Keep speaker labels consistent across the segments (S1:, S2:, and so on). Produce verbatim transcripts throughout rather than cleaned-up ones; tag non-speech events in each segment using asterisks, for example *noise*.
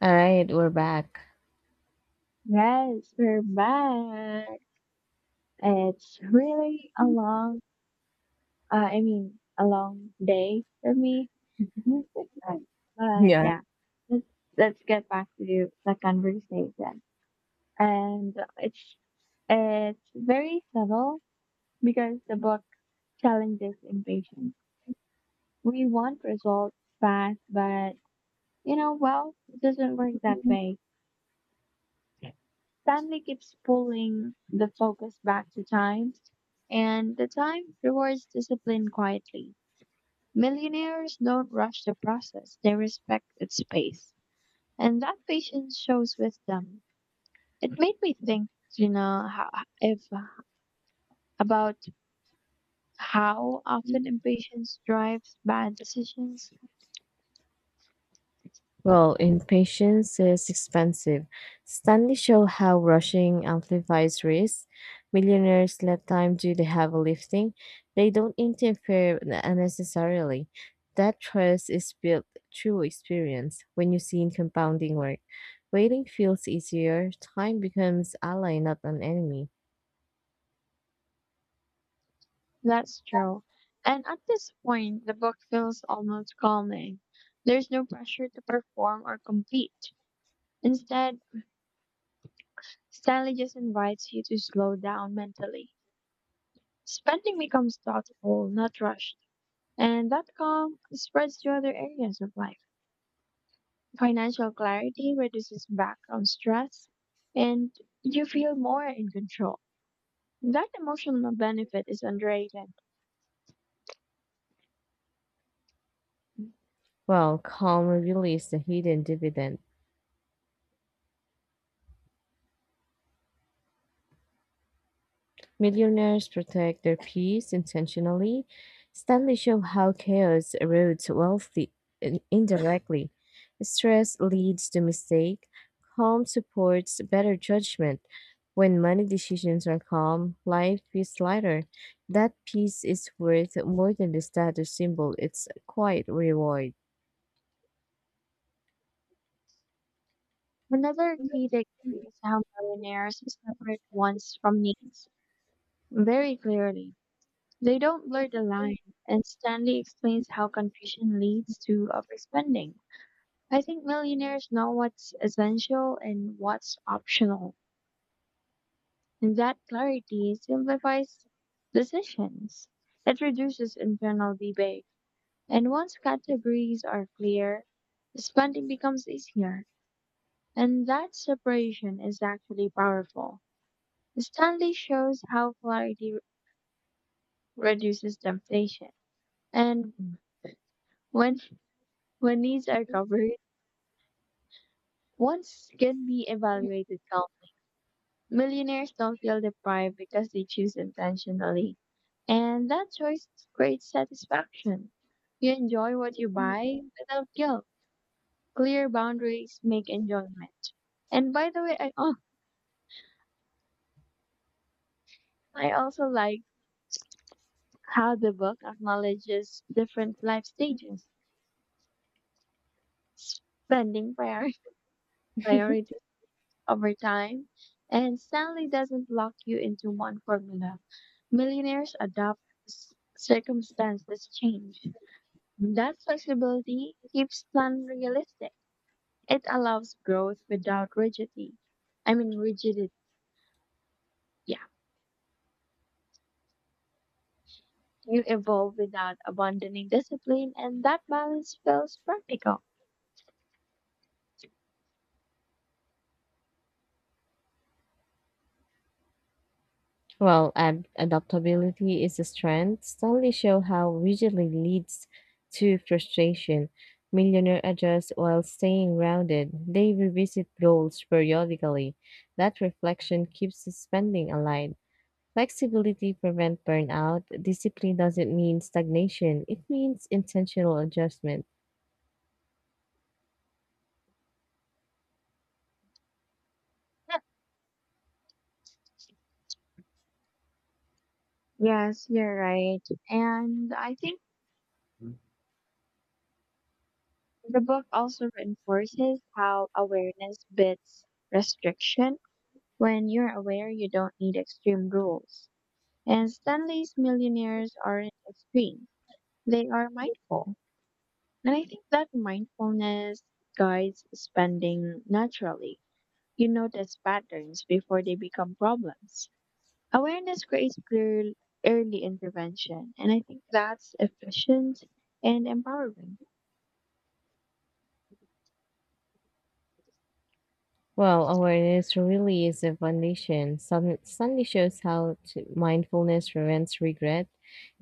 S1: All right, we're back.
S2: Yes, we're back. It's really a long, uh, I mean, a long day for me. *laughs* But
S1: Yeah.
S2: yeah, let's let's get back to the conversation. And it's it's very subtle because the book challenges impatience. We want results fast, but you know, well, it doesn't work that way. Stanley keeps pulling the focus back to time, and the time rewards discipline quietly. Millionaires don't rush the process, they respect its pace. And that patience shows wisdom. It made me think, you know, how, if about how often impatience drives bad decisions.
S1: Well, impatience is expensive. Stanley show how rushing amplifies risk. Millionaires let time do the heavy lifting. They don't interfere unnecessarily. That trust is built through experience when you see in compounding work. Waiting feels easier. Time becomes ally, not an enemy.
S2: That's true. And at this point, the book feels almost calming. There's no pressure to perform or compete. Instead, Stanley just invites you to slow down mentally. Spending becomes thoughtful, not rushed. And that calm spreads to other areas of life. Financial clarity reduces background stress and you feel more in control. That emotional benefit is underrated.
S1: Well, calm really is the hidden dividend. Millionaires protect their peace intentionally. Studies show how chaos erodes wealth in- indirectly. Stress leads to mistake. Calm supports better judgment. When money decisions are calm, life feels lighter. That peace is worth more than the status symbol. It's a quiet reward.
S2: Another key takeaway is how millionaires separate wants from needs very clearly. They don't blur the line, and Stanley explains how confusion leads to overspending. I think millionaires know what's essential and what's optional, and that clarity simplifies decisions. It reduces internal debate, and once categories are clear, spending becomes easier, and that separation is actually powerful. Stanley shows how clarity re- reduces temptation, and when when needs are covered, wants can be evaluated calmly. Millionaires don't feel deprived because they choose intentionally. And that choice creates satisfaction. You enjoy what you buy without guilt. Clear boundaries make enjoyment. And by the way, I, oh, I also like how the book acknowledges different life stages, spending prior- *laughs* priorities over time, and Stanley doesn't lock you into one formula. Millionaires adapt as circumstances change. That flexibility keeps plan realistic. It allows growth without rigidity. I mean rigidity. Yeah. You evolve without abandoning discipline and that balance feels practical.
S1: Well, ad- adaptability is a strength. Studies show how rigidly leads to frustration. Millionaire adjust while staying grounded. They revisit goals periodically. That reflection keeps the spending aligned. Flexibility prevents burnout. Discipline doesn't mean stagnation. It means intentional adjustment.
S2: Yeah. Yes, you're right. And I think the book also reinforces how awareness beats restriction. When you're aware, you don't need extreme rules. And Stanley's millionaires aren't extreme. They are mindful. And I think that mindfulness guides spending naturally. You notice patterns before they become problems. Awareness creates clear early intervention, and I think that's efficient and empowering.
S1: Well, awareness really is the foundation. Sun- Sunday shows how to mindfulness prevents regret.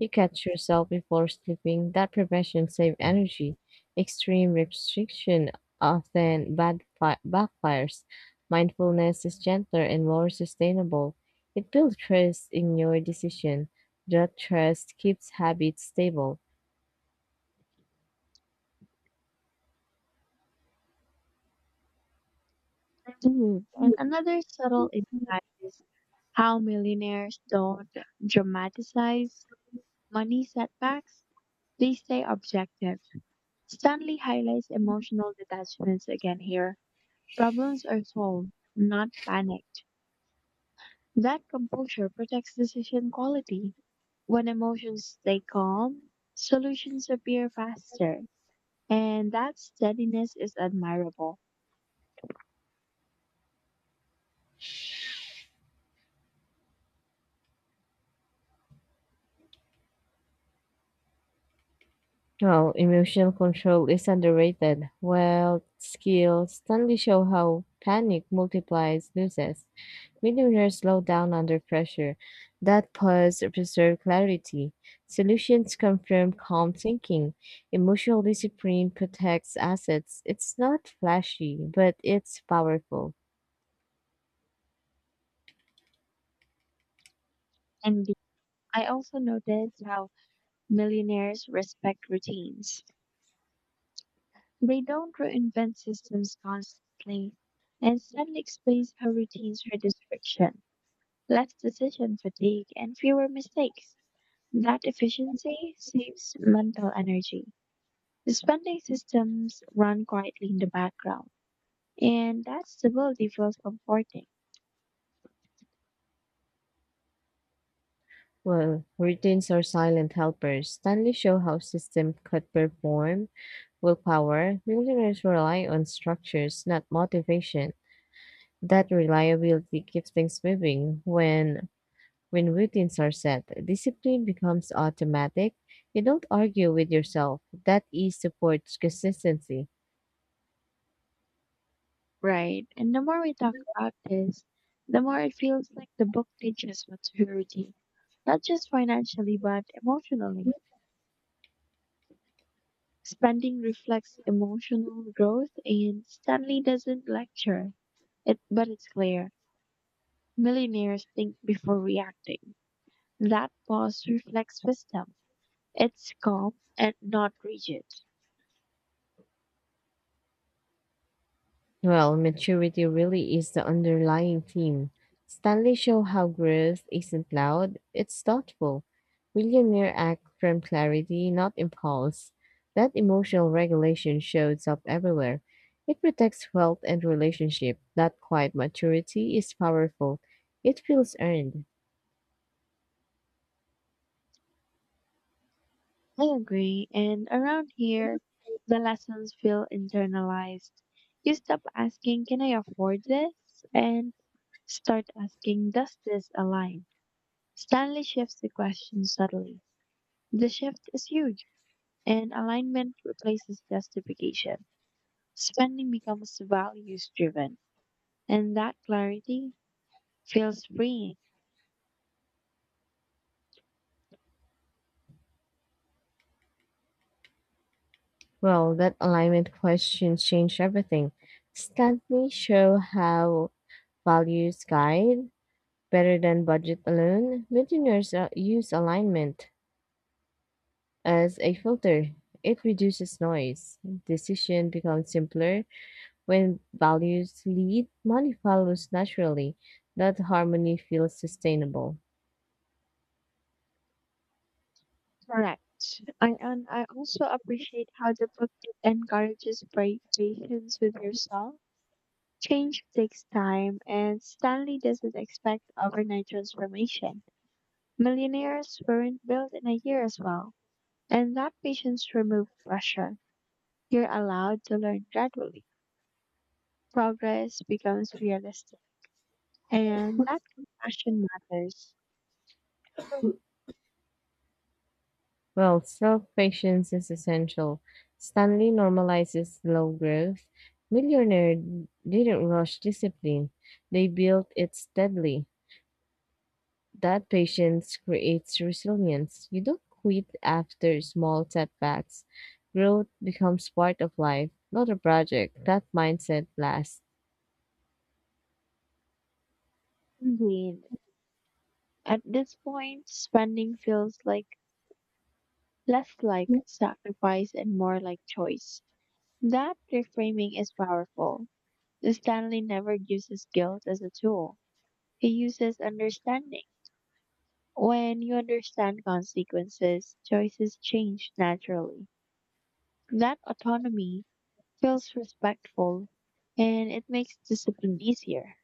S1: You catch yourself before sleeping. That prevention saves energy. Extreme restriction often bad fi- backfires. Mindfulness is gentler and more sustainable. It builds trust in your decision. That trust keeps habits stable.
S2: Indeed. And another subtle insight is how millionaires don't dramatize money setbacks. They stay objective. Stanley highlights emotional detachments again here. Problems are solved, not panicked. That composure protects decision quality. When emotions stay calm, solutions appear faster, and that steadiness is admirable.
S1: Well, emotional control is underrated. Well, skills Stanley show how panic multiplies losses. Millionaires slow down under pressure. That pause preserve clarity. Solutions come from calm thinking. Emotional discipline protects assets. It's not flashy, but it's powerful.
S2: And I also noticed how millionaires respect routines. They don't reinvent systems constantly and suddenly explains how routines reduce friction, less decision fatigue, and fewer mistakes. That efficiency saves mental energy. The spending systems run quietly in the background, and that stability feels comforting,
S1: Well, routines are silent helpers. Stanley show how system could perform willpower. Millionaires rely on structures, not motivation. That reliability keeps things moving. When when routines are set, discipline becomes automatic. You don't argue with yourself. That ease supports consistency.
S2: right? And the more we talk about this, the more it feels like the book teaches maturity, not just financially, but emotionally. Spending reflects emotional growth, and Stanley doesn't lecture it, but it's clear. Millionaires think before reacting. That pause reflects wisdom. It's calm and not rigid.
S1: Well, maturity really is the underlying theme. Stanley show how growth isn't loud, it's thoughtful. Millionaire act from clarity, not impulse. That emotional regulation shows up everywhere. It protects wealth and relationship. That quiet maturity is powerful. It feels earned.
S2: I agree. And around here, the lessons feel internalized. You stop asking, can I afford this? And start asking, does this align? Stanley shifts the question subtly. The shift is huge, and alignment replaces justification. Spending becomes values driven, and that clarity feels freeing.
S1: Well, that alignment question changed everything. Stanley show how values guide, Better than budget alone, millionaires uh, use alignment as a filter. It reduces noise. Decision becomes simpler when values lead, money follows naturally. That harmony feels sustainable.
S2: Correct. I, and I also appreciate how the book encourages pra- patience with yourself. Change takes time, and Stanley doesn't expect overnight transformation. Millionaires weren't built in a year as well, and that patience removes pressure. You're allowed to learn gradually. Progress becomes realistic, and that compassion matters.
S1: Well, self patience is essential. Stanley normalizes low growth. Millionaire didn't rush discipline, they built it steadily. That patience creates resilience. You don't quit after small setbacks. Growth becomes part of life, not a project. That mindset lasts.
S2: Indeed. At this point, spending feels like less like sacrifice and more like choice. That reframing is powerful. Stanley never uses guilt as a tool, he uses understanding. When you understand consequences, choices change naturally. That autonomy feels respectful and it makes discipline easier.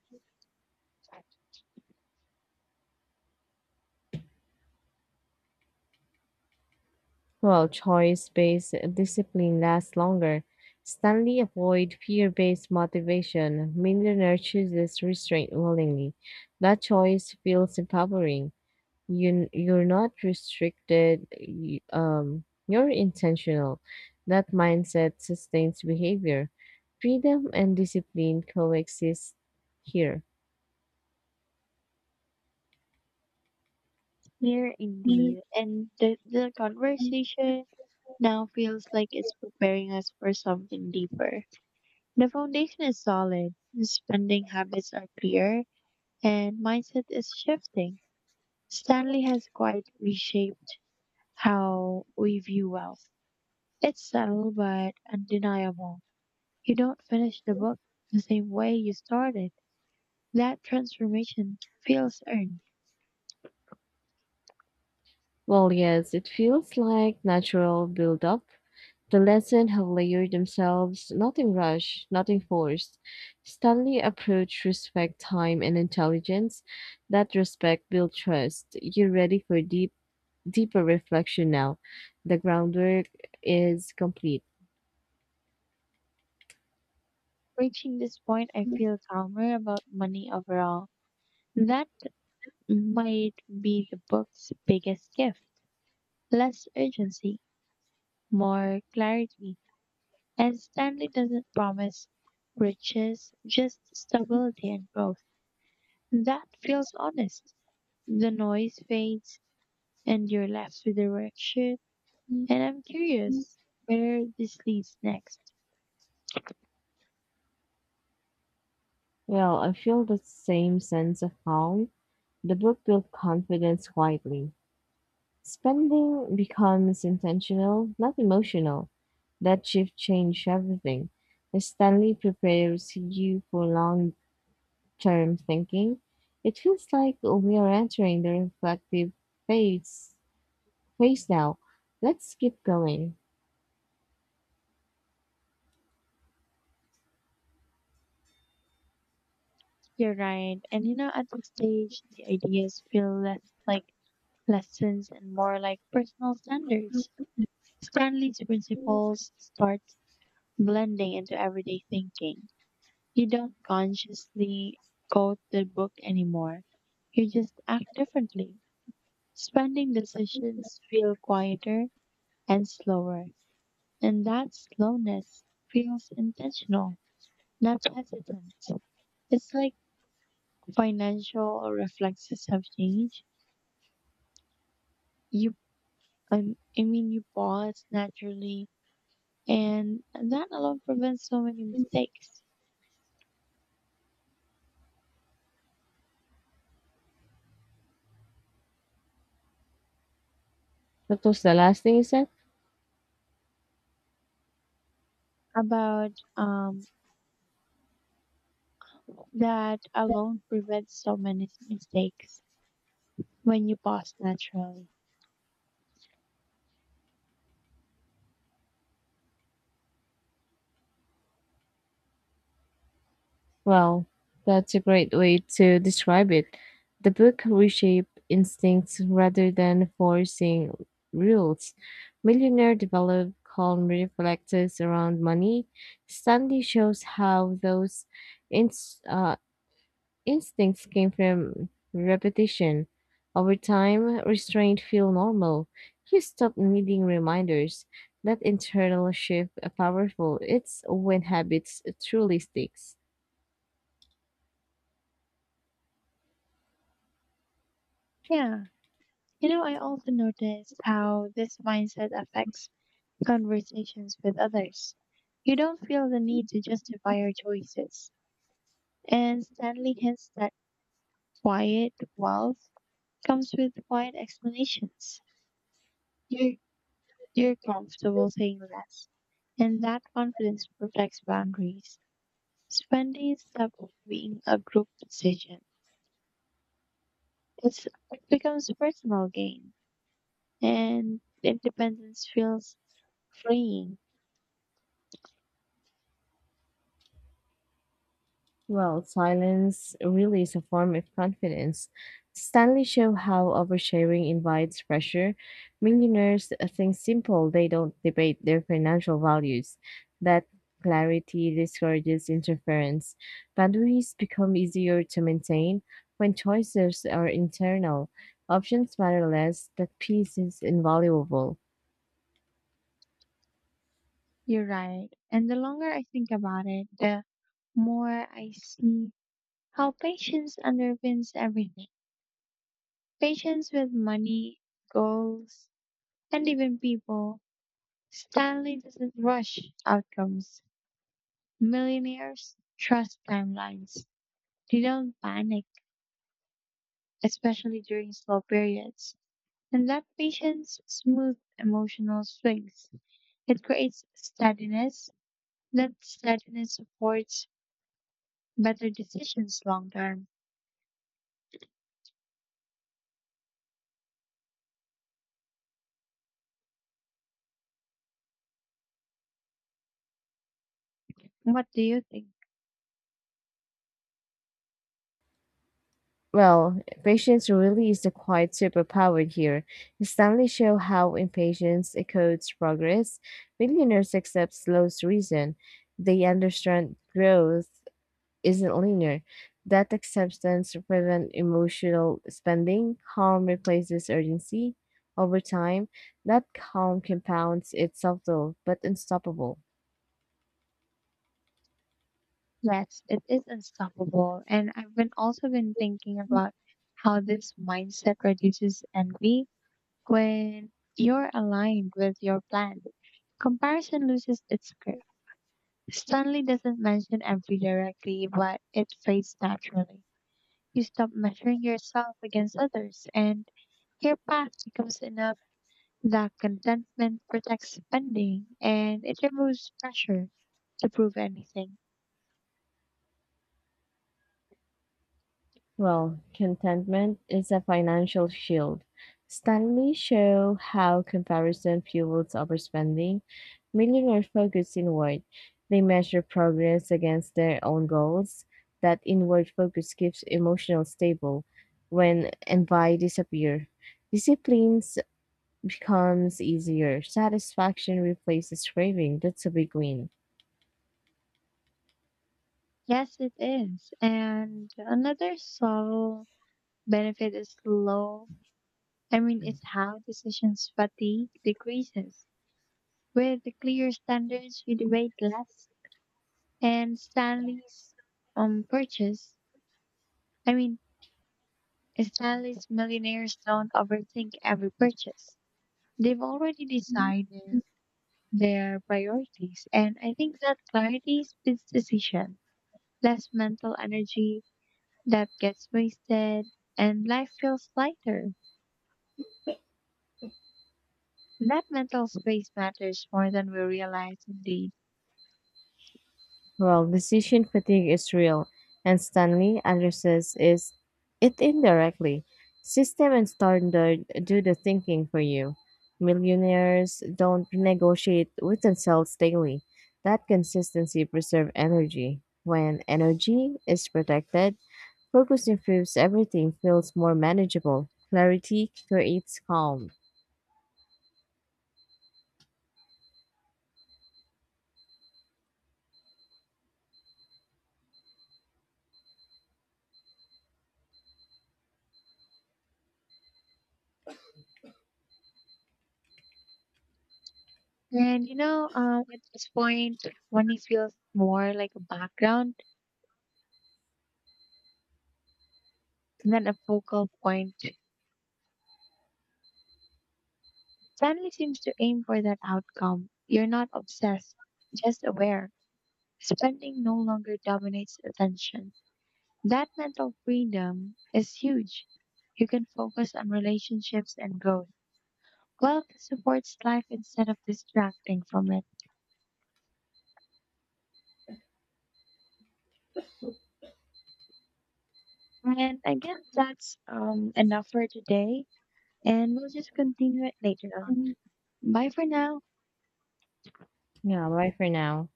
S1: While choice based discipline lasts longer. Stanley avoid fear based motivation. Millionaire chooses restraint willingly. That choice feels empowering. you you're not restricted y- um you're intentional. That mindset sustains behavior. Freedom and discipline coexist here.
S2: Clear indeed. And the, the conversation now feels like it's preparing us for something deeper. The foundation is solid, spending habits are clear, and mindset is shifting. Stanley has quite reshaped how we view wealth. It's subtle but undeniable. You don't finish the book the same way you started. That transformation feels earned.
S1: Well, yes, it feels like natural build up. The lessons have layered themselves, nothing rushed, nothing forced. Stanley approach respect time and intelligence. That respect build trust. You're ready for deep deeper reflection now. The groundwork is complete.
S2: Reaching this point, I feel calmer about money overall. That might be the book's biggest gift. Less urgency, more clarity. And Stanley doesn't promise riches, just stability and growth. That feels honest. The noise fades and you're left with the direction. And I'm curious where this leads next.
S1: Well, I feel the same sense of calm. The book built confidence quietly. Spending becomes intentional, not emotional. That shift changed everything. Stanley prepares you for long term thinking. It feels like we are entering the reflective phase phase now. Let's keep going.
S2: You're right. And you know, at this stage, the ideas feel less like lessons and more like personal standards. Stanley's principles start blending into everyday thinking. You don't consciously quote the book anymore. You just act differently. Spending decisions feel quieter and slower. And that slowness feels intentional, not hesitant. It's like financial reflexes have changed. You, um, I mean, you pause naturally, and that alone prevents so many mistakes.
S1: What was the last thing you said?
S2: About um, that alone prevents so many mistakes when you pause naturally.
S1: Well, that's a great way to describe it. The book reshaped instincts rather than forcing rules. Millionaire developed calm reflexes around money. Stanley shows how those inst- uh, instincts came from repetition. Over time, restraint feel normal. You stop needing reminders. That internal shift uh, powerful. It's when habits truly sticks.
S2: Yeah. You know, I also noticed how this mindset affects conversations with others. You don't feel the need to justify your choices. And Stanley hints that quiet wealth comes with quiet explanations. You're, you're comfortable saying less, and that confidence protects boundaries. Spending stops being a group decision. It's, it becomes personal gain, and independence feels freeing.
S1: Well, silence really is a form of confidence. Stanley show how oversharing invites pressure. Millionaires think simple, they don't debate their financial values. That clarity discourages interference. Boundaries become easier to maintain when choices are internal. Options matter less, that peace is invaluable.
S2: You're right. And the longer I think about it, the more I see how patience underpins everything. Patience with money, goals, and even people. Stanley doesn't rush outcomes. Millionaires trust timelines. They don't panic, especially during slow periods. And that patience smooths emotional swings. It creates steadiness. That steadiness supports better decisions long term. What do you think?
S1: Well, patience really is the quiet superpower here. Stanley show how impatience encodes progress. Millionaires accept slow's reason. They understand growth isn't linear. That acceptance prevents emotional spending. Calm replaces urgency. Over time, that calm compounds. It's subtle but unstoppable.
S2: Yes, it is unstoppable. And I've been also been thinking about how this mindset reduces envy when you're aligned with your plan. Comparison loses its grip. Stanley doesn't mention envy directly, but it fades naturally. You stop measuring yourself against others and your path becomes enough. That contentment protects spending and it removes pressure to prove anything.
S1: Well, contentment is a financial shield. Studies show how comparison fuels overspending. Millionaires focus inward. They measure progress against their own goals. That inward focus keeps emotional stable when envy disappears. Disciplines becomes easier. Satisfaction replaces craving. That's a big win.
S2: Yes, it is. And another subtle benefit is low. I mean, it's how decisions fatigue decreases. With the clear standards, you debate less. And Stanley's um purchase. I mean, Stanley's millionaires don't overthink every purchase. They've already decided their priorities. And I think that clarity speeds decision, less mental energy that gets wasted, and life feels lighter. That mental space matters more than we realize indeed.
S1: Well, decision fatigue is real, and Stanley addresses is it indirectly. System and standard do the thinking for you. Millionaires don't negotiate with themselves daily. That consistency preserves energy. When energy is protected, focus improves everything feels more manageable. Clarity creates calm.
S2: And you know, uh, at this point, when it feels more like a background than a focal point, family seems to aim for that outcome. You're not obsessed, just aware. Spending no longer dominates attention. That mental freedom is huge. You can focus on relationships and growth. Wealth supports life instead of distracting from it. And I guess that's um, enough for today. And we'll just continue it later on. Bye for now.
S1: Yeah, bye for now.